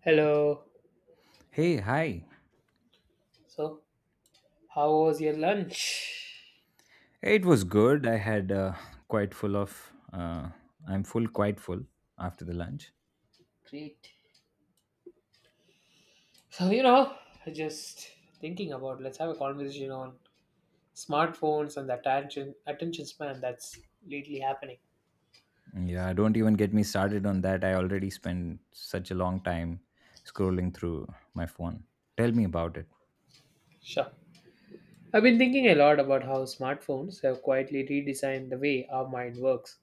Hello. Hey, hi. So, how was your lunch? It was good. I had quite full of. I'm full, quite full after the lunch. Great. So, just thinking about let's have a conversation on smartphones and the attention span that's lately happening. Yeah, don't even get me started on that. I already spent such a long time scrolling through my phone. Tell me about it. Sure. I've been thinking a lot about how smartphones have quietly redesigned the way our mind works,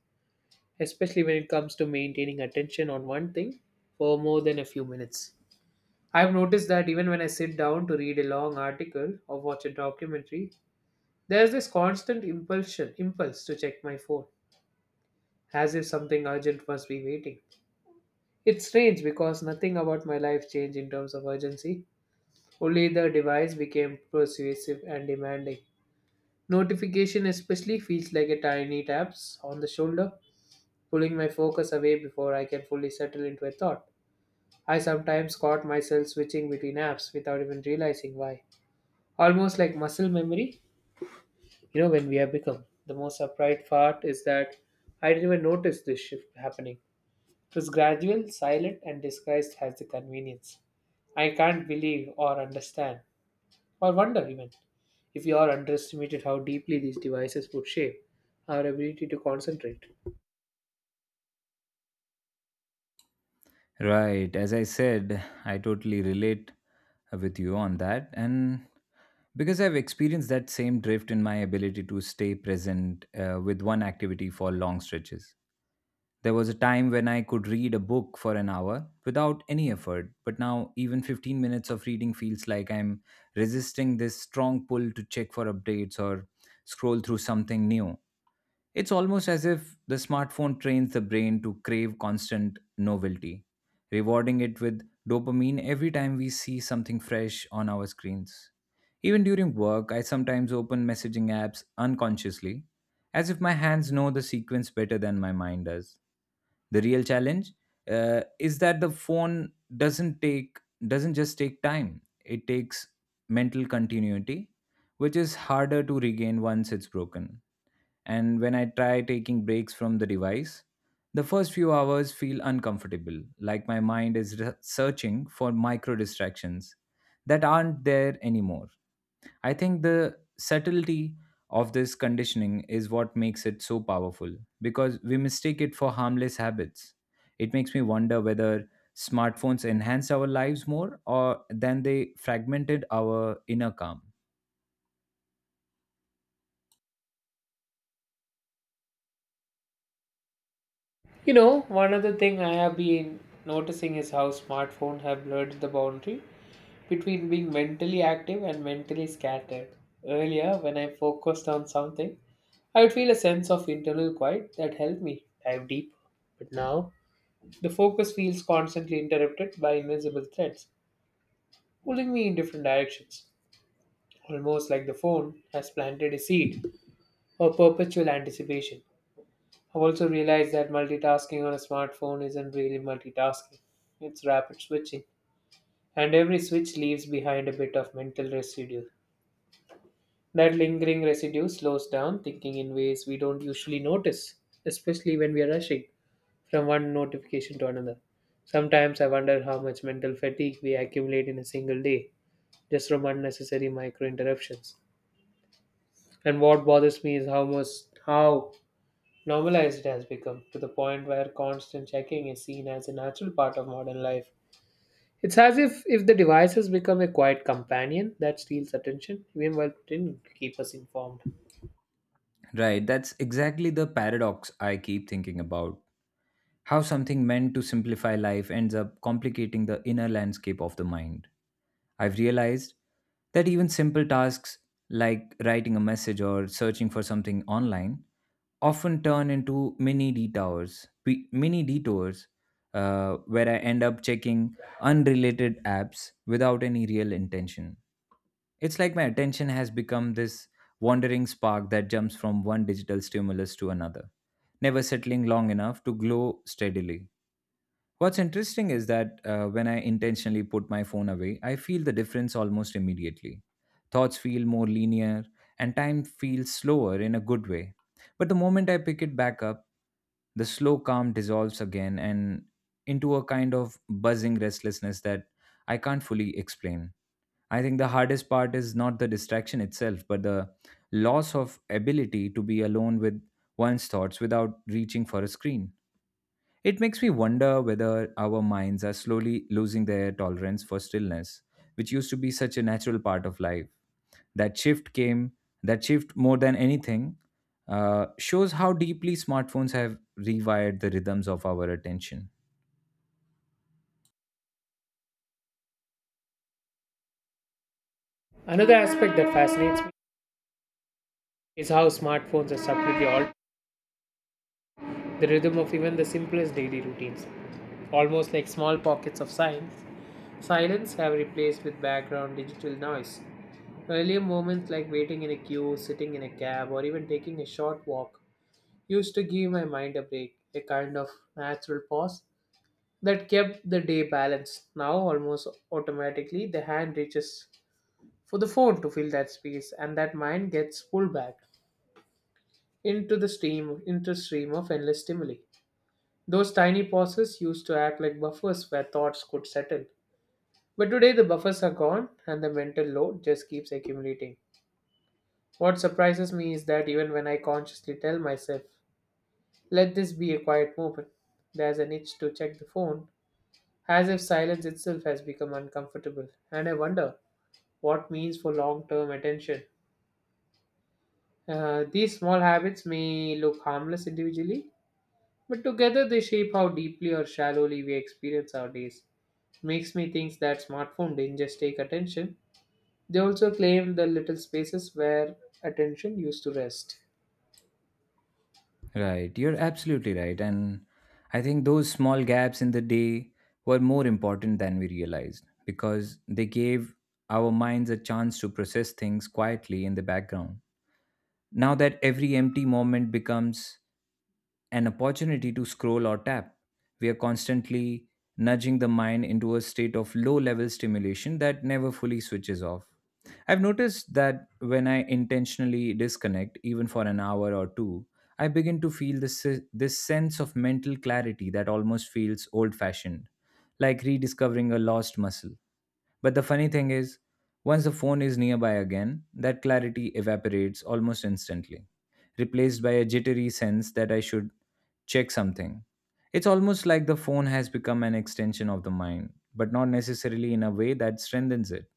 especially when it comes to maintaining attention on one thing for more than a few minutes. I've noticed that even when I sit down to read a long article or watch a documentary, there's this constant impulsion impulse to check my phone, as if something urgent must be waiting. It's strange because nothing about my life changed in terms of urgency. Only the device became persuasive and demanding. Notification especially feels like a tiny taps on the shoulder, pulling my focus away before I can fully settle into a thought. I sometimes caught myself switching between apps without even realizing why. Almost like muscle memory. When we have become, the most upright part is that I didn't even notice this shift happening. It was gradual, silent, and disguised as the convenience. I can't believe or understand, or wonder even, if you all underestimated how deeply these devices would shape our ability to concentrate. Right. As I said, I totally relate with you on that. And because I've experienced that same drift in my ability to stay present with one activity for long stretches. There was a time when I could read a book for an hour without any effort, but now even 15 minutes of reading feels like I'm resisting this strong pull to check for updates or scroll through something new. It's almost as if the smartphone trains the brain to crave constant novelty, rewarding it with dopamine every time we see something fresh on our screens. Even during work, I sometimes open messaging apps unconsciously, as if my hands know the sequence better than my mind does. The real challenge is that the phone doesn't take doesn't just take time; it takes mental continuity, which is harder to regain once it's broken, and when I try taking breaks from the device, the first few hours feel uncomfortable, like my mind is searching for micro distractions that aren't there anymore. I think the subtlety of this conditioning is what makes it so powerful because we mistake it for harmless habits. It makes me wonder whether smartphones enhance our lives more or than they fragmented our inner calm. You know, one other thing I have been noticing is how smartphones have blurred the boundary between being mentally active and mentally scattered. Earlier, when I focused on something, I would feel a sense of internal quiet that helped me dive deep. But now, the focus feels constantly interrupted by invisible threads, pulling me in different directions, almost like the phone has planted a seed of perpetual anticipation. I've also realized that multitasking on a smartphone isn't really multitasking, it's rapid switching, and every switch leaves behind a bit of mental residue. That lingering residue slows down thinking in ways we don't usually notice, especially when we are rushing from one notification to another. Sometimes I wonder how much mental fatigue we accumulate in a single day just from unnecessary micro interruptions. And what bothers me is how normalized it has become, to the point where constant checking is seen as a natural part of modern life. It's as if the device has become a quiet companion that steals attention, even while pretending to keep us informed. Right, that's exactly the paradox I keep thinking about. How something meant to simplify life ends up complicating the inner landscape of the mind. I've realized that even simple tasks like writing a message or searching for something online often turn into mini detours, where I end up checking unrelated apps without any real intention. It's like my attention has become this wandering spark that jumps from one digital stimulus to another, never settling long enough to glow steadily. What's interesting is that when I intentionally put my phone away, I feel the difference almost immediately. Thoughts feel more linear, and time feels slower in a good way. But the moment I pick it back up, the slow calm dissolves again and into a kind of buzzing restlessness that I can't fully explain. I think the hardest part is not the distraction itself, but the loss of ability to be alone with one's thoughts without reaching for a screen. It makes me wonder whether our minds are slowly losing their tolerance for stillness, which used to be such a natural part of life. That shift came, that shift, more than anything, shows how deeply smartphones have rewired the rhythms of our attention. Another aspect that fascinates me is how smartphones have subtly altered the rhythm of even the simplest daily routines. Almost like small pockets of silence have replaced with background digital noise. Earlier moments like waiting in a queue, sitting in a cab, or even taking a short walk used to give my mind a break, a kind of natural pause that kept the day balanced. Now, almost automatically, the hand reaches for the phone to fill that space, and that mind gets pulled back into stream of endless stimuli. Those tiny pauses used to act like buffers where thoughts could settle. But today the buffers are gone and the mental load just keeps accumulating. What surprises me is that even when I consciously tell myself, let this be a quiet moment, there's an itch to check the phone, as if silence itself has become uncomfortable. And I wonder what means for long term attention. These small habits may look harmless individually, but together they shape how deeply or shallowly we experience our days. Makes me think that smartphone didn't just take attention, they also claimed the little spaces where attention used to rest. Right, you're absolutely right. And I think those small gaps in the day were more important than we realized because they gave our minds a chance to process things quietly in the background. Now that every empty moment becomes an opportunity to scroll or tap, we are constantly nudging the mind into a state of low level stimulation that never fully switches off. I've noticed that when I intentionally disconnect, even for an hour or two, I begin to feel this sense of mental clarity that almost feels old fashioned, like rediscovering a lost muscle. But the funny thing is, once the phone is nearby again, that clarity evaporates almost instantly, replaced by a jittery sense that I should check something. It's almost like the phone has become an extension of the mind, but not necessarily in a way that strengthens it.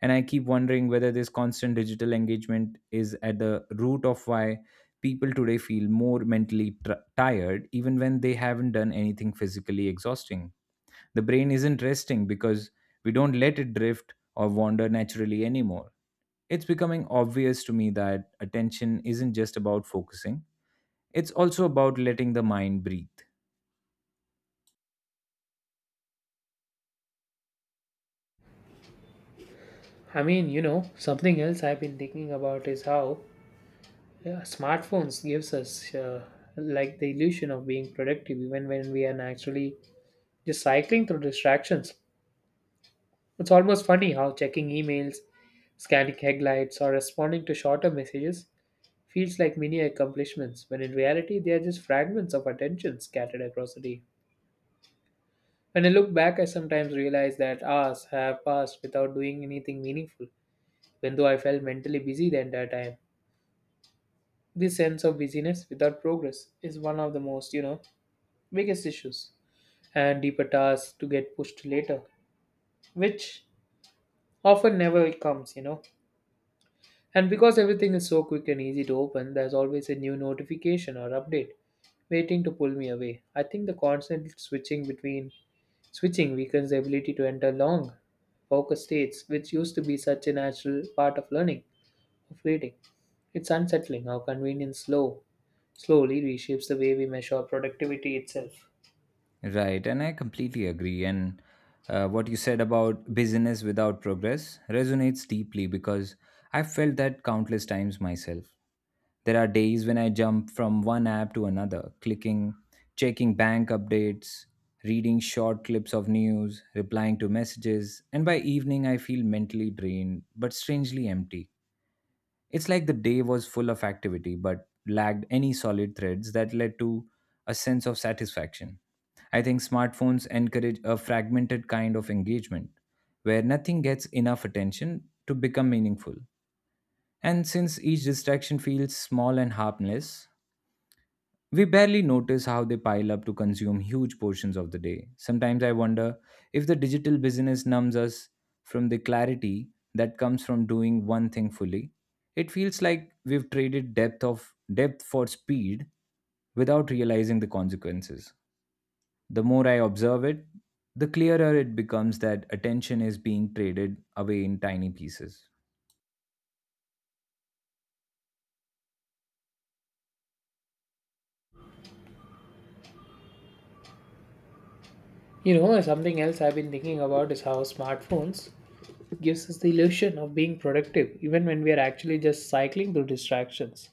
And I keep wondering whether this constant digital engagement is at the root of why people today feel more mentally tired, even when they haven't done anything physically exhausting. The brain isn't resting because we don't let it drift or wander naturally anymore. It's becoming obvious to me that attention isn't just about focusing, it's also about letting the mind breathe. I mean, something else I've been thinking about is how yeah, smartphones gives us, like the illusion of being productive even when we are naturally just cycling through distractions. It's almost funny how checking emails, scanning headlights, or responding to shorter messages feels like mini accomplishments when in reality they are just fragments of attention scattered across the day. When I look back, I sometimes realize that hours have passed without doing anything meaningful, even though I felt mentally busy the entire time. This sense of busyness without progress is one of the most, biggest issues, and deeper tasks to get pushed to later, which often never comes. And because everything is so quick and easy to open, there's always a new notification or update waiting to pull me away. I think the constant switching weakens the ability to enter long focus states, which used to be such a natural part of learning, of reading. It's unsettling how convenience slowly reshapes the way we measure productivity itself. Right, and I completely agree. And what you said about business without progress resonates deeply because I've felt that countless times myself. There are days when I jump from one app to another, clicking, checking bank updates, reading short clips of news, replying to messages, and by evening I feel mentally drained but strangely empty. It's like the day was full of activity but lacked any solid threads that led to a sense of satisfaction. I think smartphones encourage a fragmented kind of engagement where nothing gets enough attention to become meaningful. And since each distraction feels small and harmless, we barely notice how they pile up to consume huge portions of the day. Sometimes I wonder if the digital business numbs us from the clarity that comes from doing one thing fully. It feels like we've traded depth for speed without realizing the consequences. The more I observe it, the clearer it becomes that attention is being traded away in tiny pieces. You know, something else I've been thinking about is how smartphones gives us the illusion of being productive even when we are actually just cycling through distractions.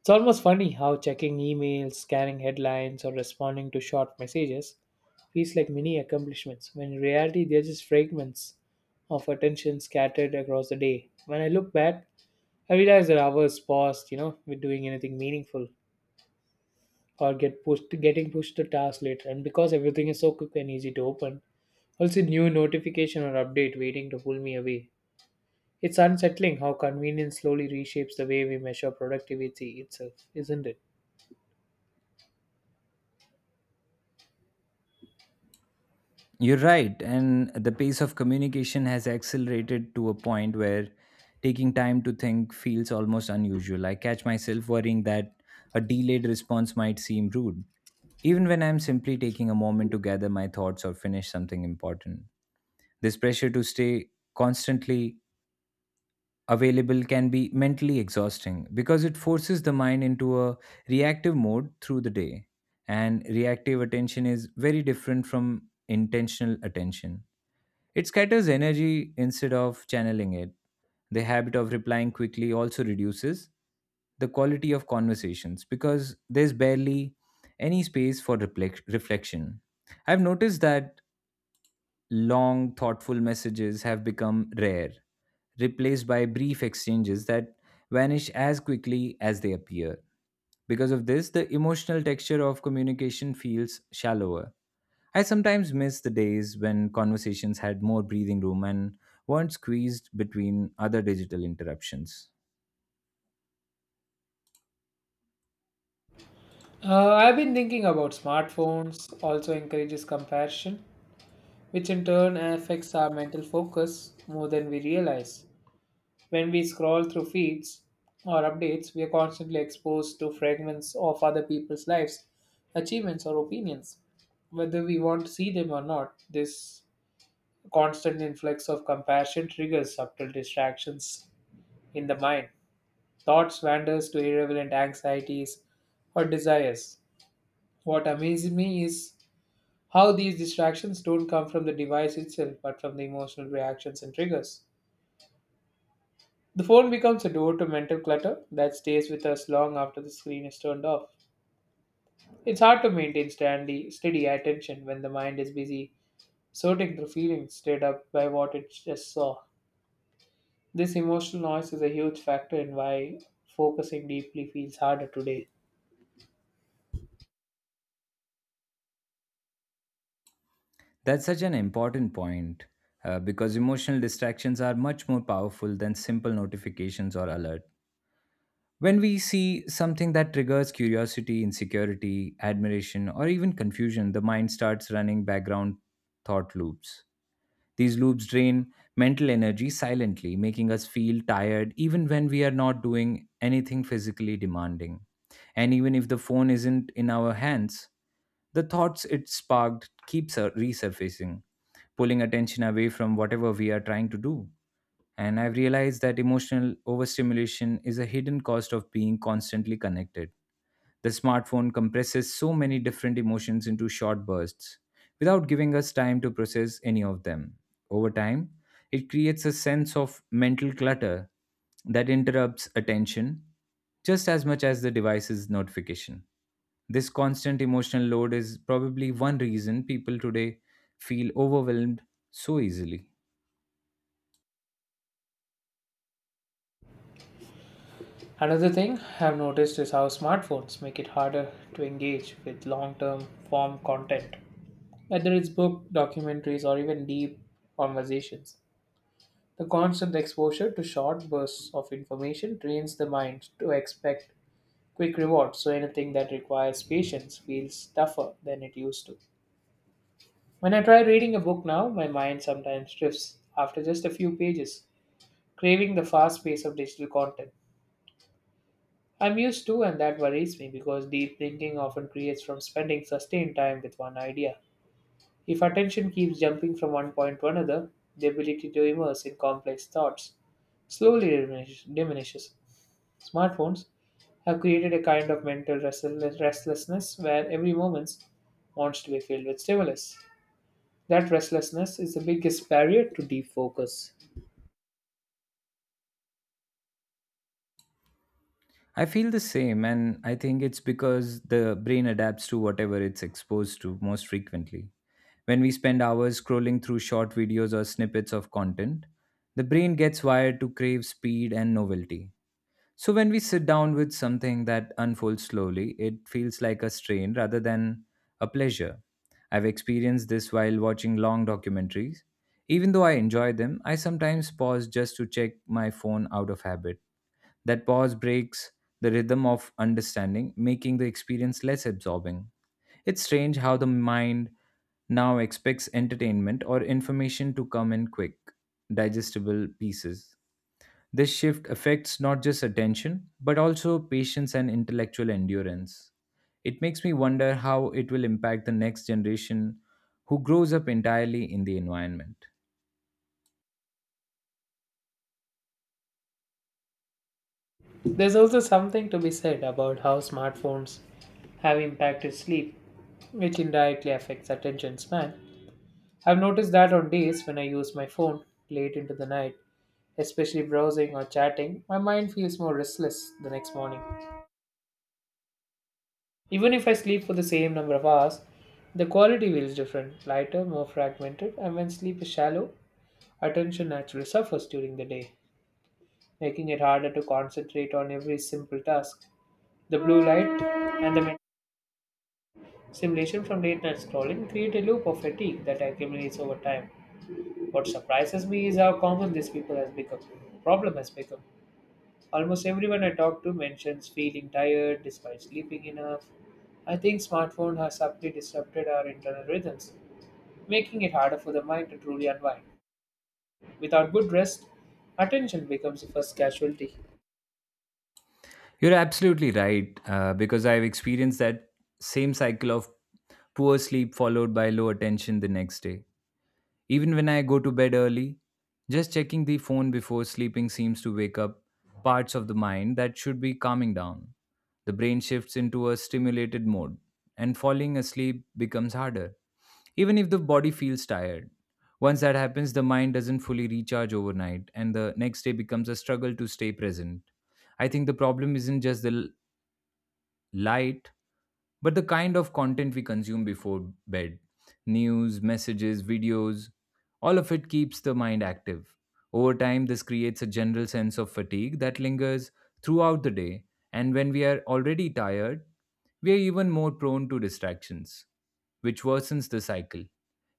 It's almost funny how checking emails, scanning headlines, or responding to short messages feels like mini accomplishments when in reality they're just fragments of attention scattered across the day. When I look back, I realize that hours paused, with doing anything meaningful, or getting pushed to tasks later. And because everything is so quick and easy to open, also new notification or update waiting to pull me away. It's unsettling how convenience slowly reshapes the way we measure productivity itself, isn't it? You're right. And the pace of communication has accelerated to a point where taking time to think feels almost unusual. I catch myself worrying that a delayed response might seem rude, even when I'm simply taking a moment to gather my thoughts or finish something important. This pressure to stay constantly available can be mentally exhausting because it forces the mind into a reactive mode through the day. And reactive attention is very different from intentional attention, it scatters energy instead of channeling it. The habit of replying quickly also reduces the quality of conversations because there's barely any space for reflection. I've noticed that long, thoughtful messages have become rare, replaced by brief exchanges that vanish as quickly as they appear. Because of this, the emotional texture of communication feels shallower. I sometimes miss the days when conversations had more breathing room and weren't squeezed between other digital interruptions. I've been thinking about smartphones also encourages comparison, which in turn affects our mental focus more than we realize. When we scroll through feeds or updates, we are constantly exposed to fragments of other people's lives, achievements, or opinions. Whether we want to see them or not, this constant influx of compassion triggers subtle distractions in the mind. Thoughts wanders to irrelevant anxieties or desires. What amazes me is how these distractions don't come from the device itself, but from the emotional reactions and triggers. The phone becomes a door to mental clutter that stays with us long after the screen is turned off. It's hard to maintain steady attention when the mind is busy sorting through feelings stirred up by what it just saw. This emotional noise is a huge factor in why focusing deeply feels harder today. That's such an important point because emotional distractions are much more powerful than simple notifications or alert. When we see something that triggers curiosity, insecurity, admiration, or even confusion, the mind starts running background thought loops. These loops drain mental energy silently, making us feel tired even when we are not doing anything physically demanding. And even if the phone isn't in our hands, the thoughts it sparked keeps resurfacing, pulling attention away from whatever we are trying to do. And I've realized that emotional overstimulation is a hidden cost of being constantly connected. The smartphone compresses so many different emotions into short bursts without giving us time to process any of them. Over time, it creates a sense of mental clutter that interrupts attention just as much as the device's notification. This constant emotional load is probably one reason people today feel overwhelmed so easily. Another thing I've noticed is how smartphones make it harder to engage with long term form content, whether it's book, documentaries, or even deep conversations. The constant exposure to short bursts of information trains the mind to expect quick rewards, so anything that requires patience feels tougher than it used to. When I try reading a book now, my mind sometimes drifts after just a few pages, craving the fast pace of digital content. I'm used to, and that worries me because deep thinking often creates from spending sustained time with one idea. If attention keeps jumping from one point to another, the ability to immerse in complex thoughts slowly diminishes. Smartphones have created a kind of mental restlessness where every moment wants to be filled with stimulus. That restlessness is the biggest barrier to deep focus. I feel the same, and I think it's because the brain adapts to whatever it's exposed to most frequently. When we spend hours scrolling through short videos or snippets of content, the brain gets wired to crave speed and novelty. So when we sit down with something that unfolds slowly, it feels like a strain rather than a pleasure. I've experienced this while watching long documentaries. Even though I enjoy them, I sometimes pause just to check my phone out of habit. That pause breaks the rhythm of understanding, making the experience less absorbing. It's strange how the mind now expects entertainment or information to come in quick, digestible pieces. This shift affects not just attention, but also patience and intellectual endurance. It makes me wonder how it will impact the next generation who grows up entirely in the environment. There's also something to be said about how smartphones have impacted sleep, which indirectly affects attention span. I've noticed that on days when I use my phone late into the night, especially browsing or chatting, my mind feels more restless the next morning. Even if I sleep for the same number of hours, the quality feels different, lighter, more fragmented, and when sleep is shallow, attention naturally suffers during the day, making it harder to concentrate on every simple task. The blue light and the mental simulation from late night scrolling create a loop of fatigue that accumulates over time. What surprises me is how common this people has become. Problem has become. Almost everyone I talk to mentions feeling tired despite sleeping enough. I think smartphone has subtly disrupted our internal rhythms, making it harder for the mind to truly unwind. Without good rest, attention becomes the first casualty. You're absolutely right, because I've experienced that same cycle of poor sleep followed by low attention the next day. Even when I go to bed early, just checking the phone before sleeping seems to wake up parts of the mind that should be calming down. The brain shifts into a stimulated mode, and falling asleep becomes harder, even if the body feels tired. Once that happens, the mind doesn't fully recharge overnight, and the next day becomes a struggle to stay present. I think the problem isn't just the light, but the kind of content we consume before bed, news, messages, videos, all of it keeps the mind active. Over time, this creates a general sense of fatigue that lingers throughout the day, and when we are already tired, we are even more prone to distractions, which worsens the cycle.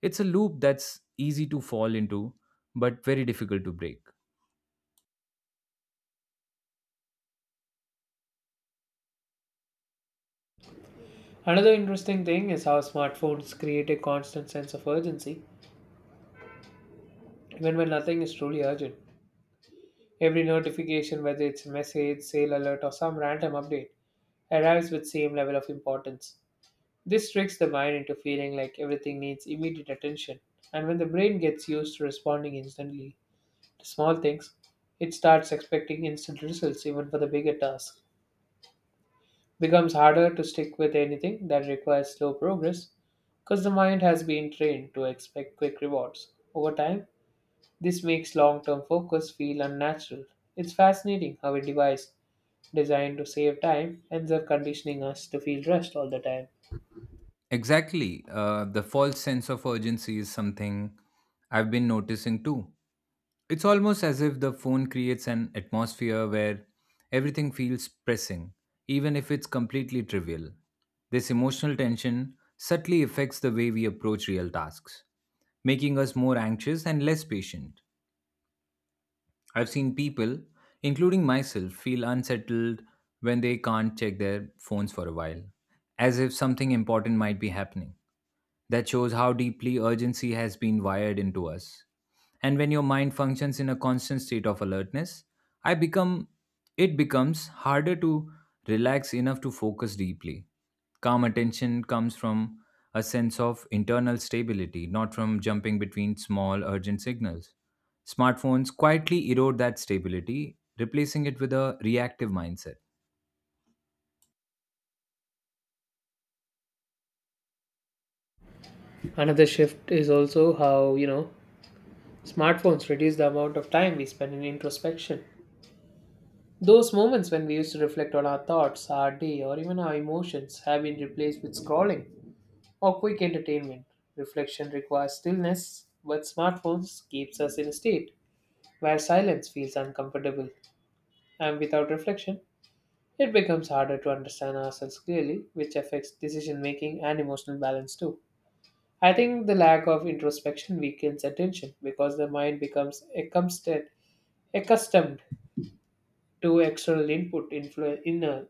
It's a loop that's easy to fall into, but very difficult to break. Another interesting thing is how smartphones create a constant sense of urgency, even when nothing is truly urgent. Every notification, whether it's a message, sale alert, or some random update, arrives with same level of importance. This tricks the mind into feeling like everything needs immediate attention, and when the brain gets used to responding instantly to small things, it starts expecting instant results even for the bigger tasks. Becomes harder to stick with anything that requires slow progress because the mind has been trained to expect quick rewards. Over time, this makes long term focus feel unnatural. It's fascinating how a device designed to save time ends up conditioning us to feel rushed all the time. Exactly. The false sense of urgency is something I've been noticing too. It's almost as if the phone creates an atmosphere where everything feels pressing, even if it's completely trivial. This emotional tension subtly affects the way we approach real tasks, making us more anxious and less patient. I've seen people, including myself, feel unsettled when they can't check their phones for a while, as if something important might be happening. That shows how deeply urgency has been wired into us. And when your mind functions in a constant state of alertness, I become it becomes harder to relax enough to focus deeply. Calm attention comes from a sense of internal stability, not from jumping between small urgent signals. Smartphones quietly erode that stability, replacing it with a reactive mindset. Another shift is also how, smartphones reduce the amount of time we spend in introspection. Those moments when we used to reflect on our thoughts, our day, or even our emotions have been replaced with scrolling or quick entertainment. Reflection requires stillness, but smartphones keeps us in a state where silence feels uncomfortable. And without reflection, it becomes harder to understand ourselves clearly, which affects decision making and emotional balance too. I think the lack of introspection weakens attention because the mind becomes accustomed to external input,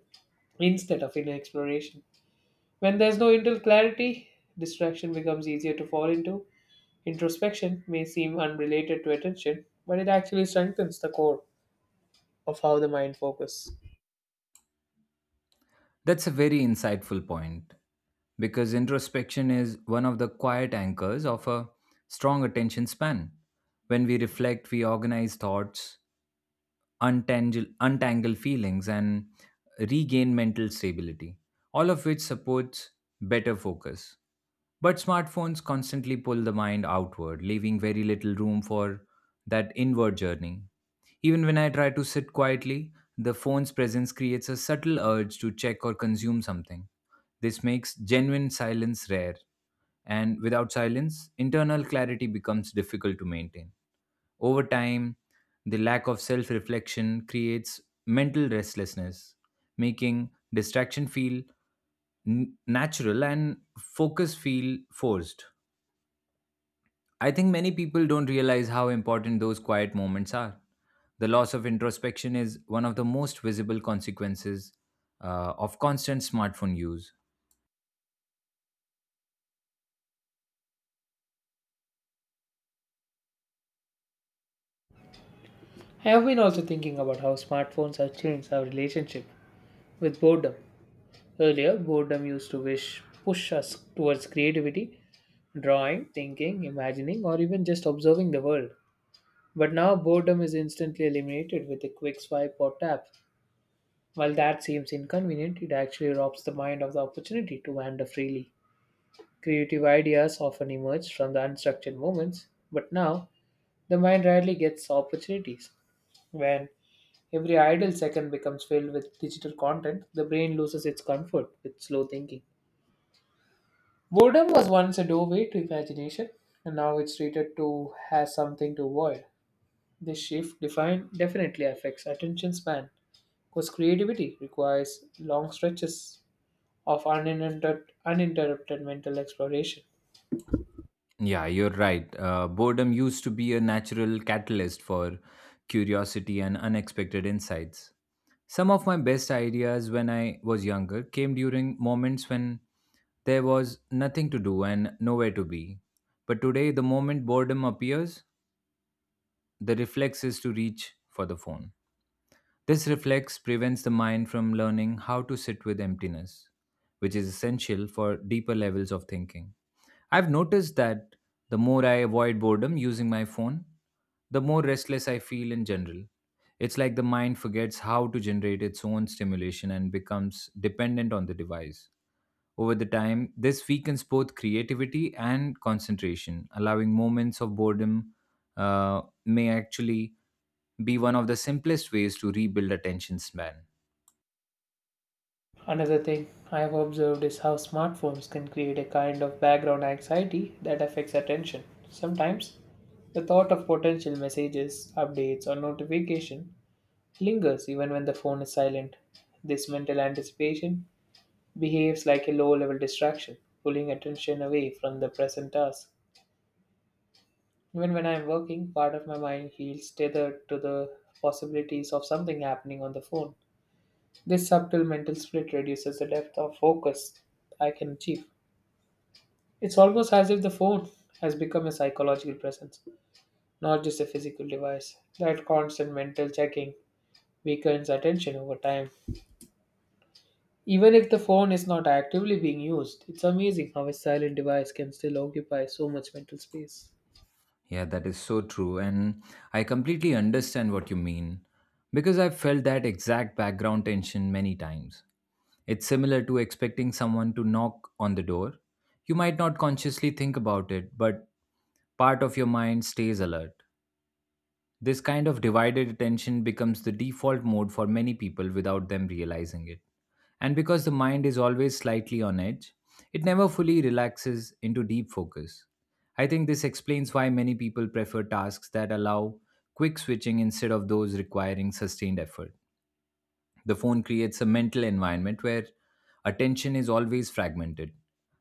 instead of inner exploration. When there's no internal clarity, distraction becomes easier to fall into. Introspection may seem unrelated to attention, but it actually strengthens the core of how the mind focuses. That's a very insightful point because introspection is one of the quiet anchors of a strong attention span. When we reflect, we organize thoughts, untangle feelings, and regain mental stability, all of which supports better focus. But smartphones constantly pull the mind outward, leaving very little room for that inward journey. Even when I try to sit quietly, the phone's presence creates a subtle urge to check or consume something. This makes genuine silence rare, and without silence, internal clarity becomes difficult to maintain. Over time, the lack of self reflection creates mental restlessness, making distraction feel natural and focus feel forced. I think many people don't realize how important those quiet moments are. The loss of introspection is one of the most visible consequences of constant smartphone use. I have been also thinking about how smartphones have changed our relationship with boredom. Earlier, boredom used to wish push us towards creativity, drawing, thinking, imagining, or even just observing the world. But now boredom is instantly eliminated with a quick swipe or tap. While that seems inconvenient, it actually robs the mind of the opportunity to wander freely. Creative ideas often emerge from the unstructured moments, but now the mind rarely gets opportunities. When every idle second becomes filled with digital content, the brain loses its comfort with slow thinking. Boredom was once a doorway to imagination, and now it's treated to as something to avoid. This shift definitely affects attention span, because creativity requires long stretches of uninterrupted mental exploration. Yeah, you're right. Boredom used to be a natural catalyst for curiosity and unexpected insights. Some of my best ideas when I was younger came during moments when there was nothing to do and nowhere to be. But today, the moment boredom appears, the reflex is to reach for the phone. This reflex prevents the mind from learning how to sit with emptiness, which is essential for deeper levels of thinking. I've noticed that the more I avoid boredom using my phone, the more restless I feel in general. It's like the mind forgets how to generate its own stimulation and becomes dependent on the device. Over the time, this weakens both creativity and concentration. Allowing moments of boredom may actually be one of the simplest ways to rebuild attention span. Another thing I have observed is how smartphones can create a kind of background anxiety that affects attention. Sometimes, the thought of potential messages, updates, or notification lingers even when the phone is silent. This mental anticipation behaves like a low level distraction, pulling attention away from the present task. Even when I am working, part of my mind feels tethered to the possibilities of something happening on the phone. This subtle mental split reduces the depth of focus I can achieve. It's almost as if the phone has become a psychological presence, not just a physical device. That constant mental checking weakens attention over time. Even if the phone is not actively being used, it's amazing how a silent device can still occupy so much mental space. Yeah, that is so true. And I completely understand what you mean because I've felt that exact background tension many times. It's similar to expecting someone to knock on the door. You might not consciously think about it, but part of your mind stays alert. This kind of divided attention becomes the default mode for many people without them realizing it. And because the mind is always slightly on edge, it never fully relaxes into deep focus. I think this explains why many people prefer tasks that allow quick switching instead of those requiring sustained effort. The phone creates a mental environment where attention is always fragmented.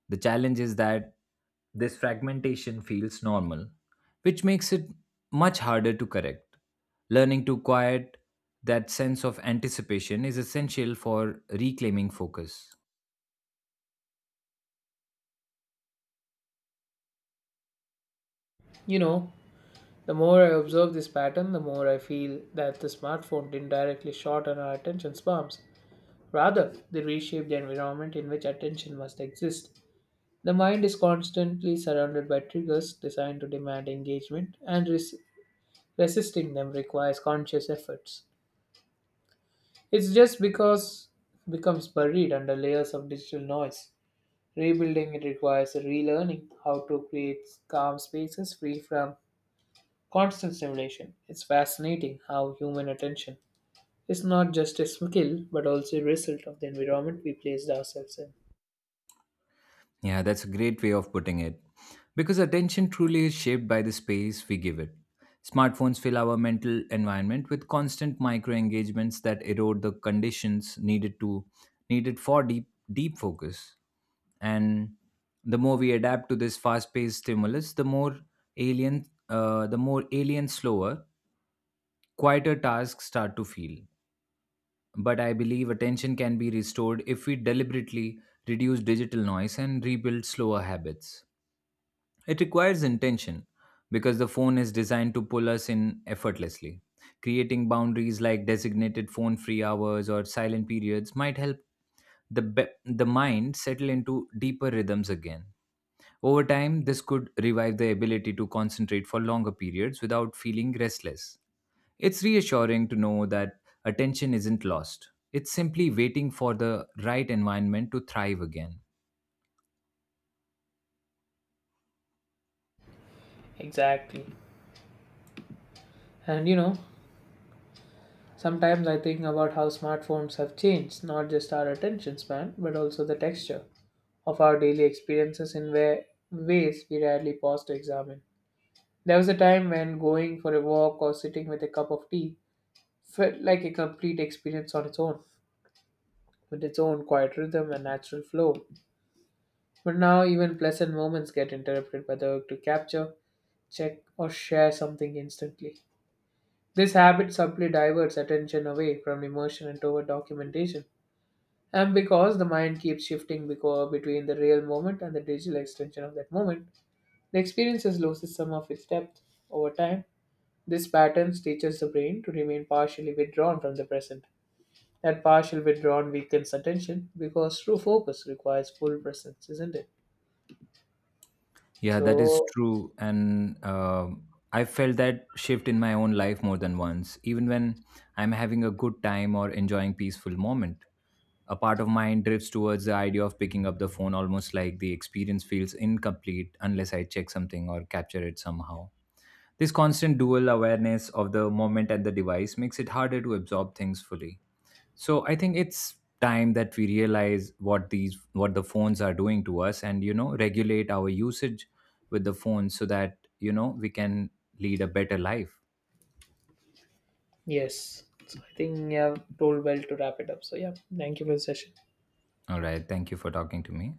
The challenge is that this fragmentation feels normal, which makes it much harder to correct. Learning to quiet that sense of anticipation is essential for reclaiming focus. You know, the more I observe this pattern, the more I feel that the smartphone didn't directly shorten our attention spans. Rather, they reshaped the environment in which attention must exist. The mind is constantly surrounded by triggers designed to demand engagement, and resisting them requires conscious efforts. It's just because it becomes buried under layers of digital noise. Rebuilding it requires a relearning how to create calm spaces free from constant stimulation. It's fascinating how human attention is not just a skill but also a result of the environment we placed ourselves in. Yeah, that's a great way of putting it, because attention truly is shaped by the space we give it. Smartphones fill our mental environment with constant micro engagements that erode the conditions needed for deep focus. And the more we adapt to this fast-paced stimulus, the more alien slower, quieter tasks start to feel. But I believe attention can be restored if we deliberately reduce digital noise and rebuild slower habits. It requires intention because the phone is designed to pull us in effortlessly. Creating boundaries like designated phone free hours or silent periods might help the mind settle into deeper rhythms again. Over time, this could revive the ability to concentrate for longer periods without feeling restless. It's reassuring to know that attention isn't lost, it's simply waiting for the right environment to thrive again. Exactly. And you know, sometimes I think about how smartphones have changed not just our attention span but also the texture of our daily experiences in ways we rarely pause to examine. There was a time when going for a walk or sitting with a cup of tea felt like a complete experience on its own, with its own quiet rhythm and natural flow. But now, even pleasant moments get interrupted by the urge to capture, check, or share something instantly. This habit subtly diverts attention away from immersion and toward documentation. And because the mind keeps shifting between the real moment and the digital extension of that moment, the experience has lost some of its depth over time. This pattern teaches the brain to remain partially withdrawn from the present. That partial withdrawn weakens attention because true focus requires full presence, isn't it? Yeah, that is So, true. And I felt that shift in my own life more than once, even when I'm having a good time or enjoying peaceful moment. A part of mine drifts towards the idea of picking up the phone, almost like the experience feels incomplete unless I check something or capture it somehow. This constant dual awareness of the moment and the device makes it harder to absorb things fully. So I think it's time that we realize what the phones are doing to us, and regulate our usage with the phone so that we can lead a better life. yes. So I think you have told well to wrap it up. So, yeah, thank you for the session. All right, thank you for talking to me.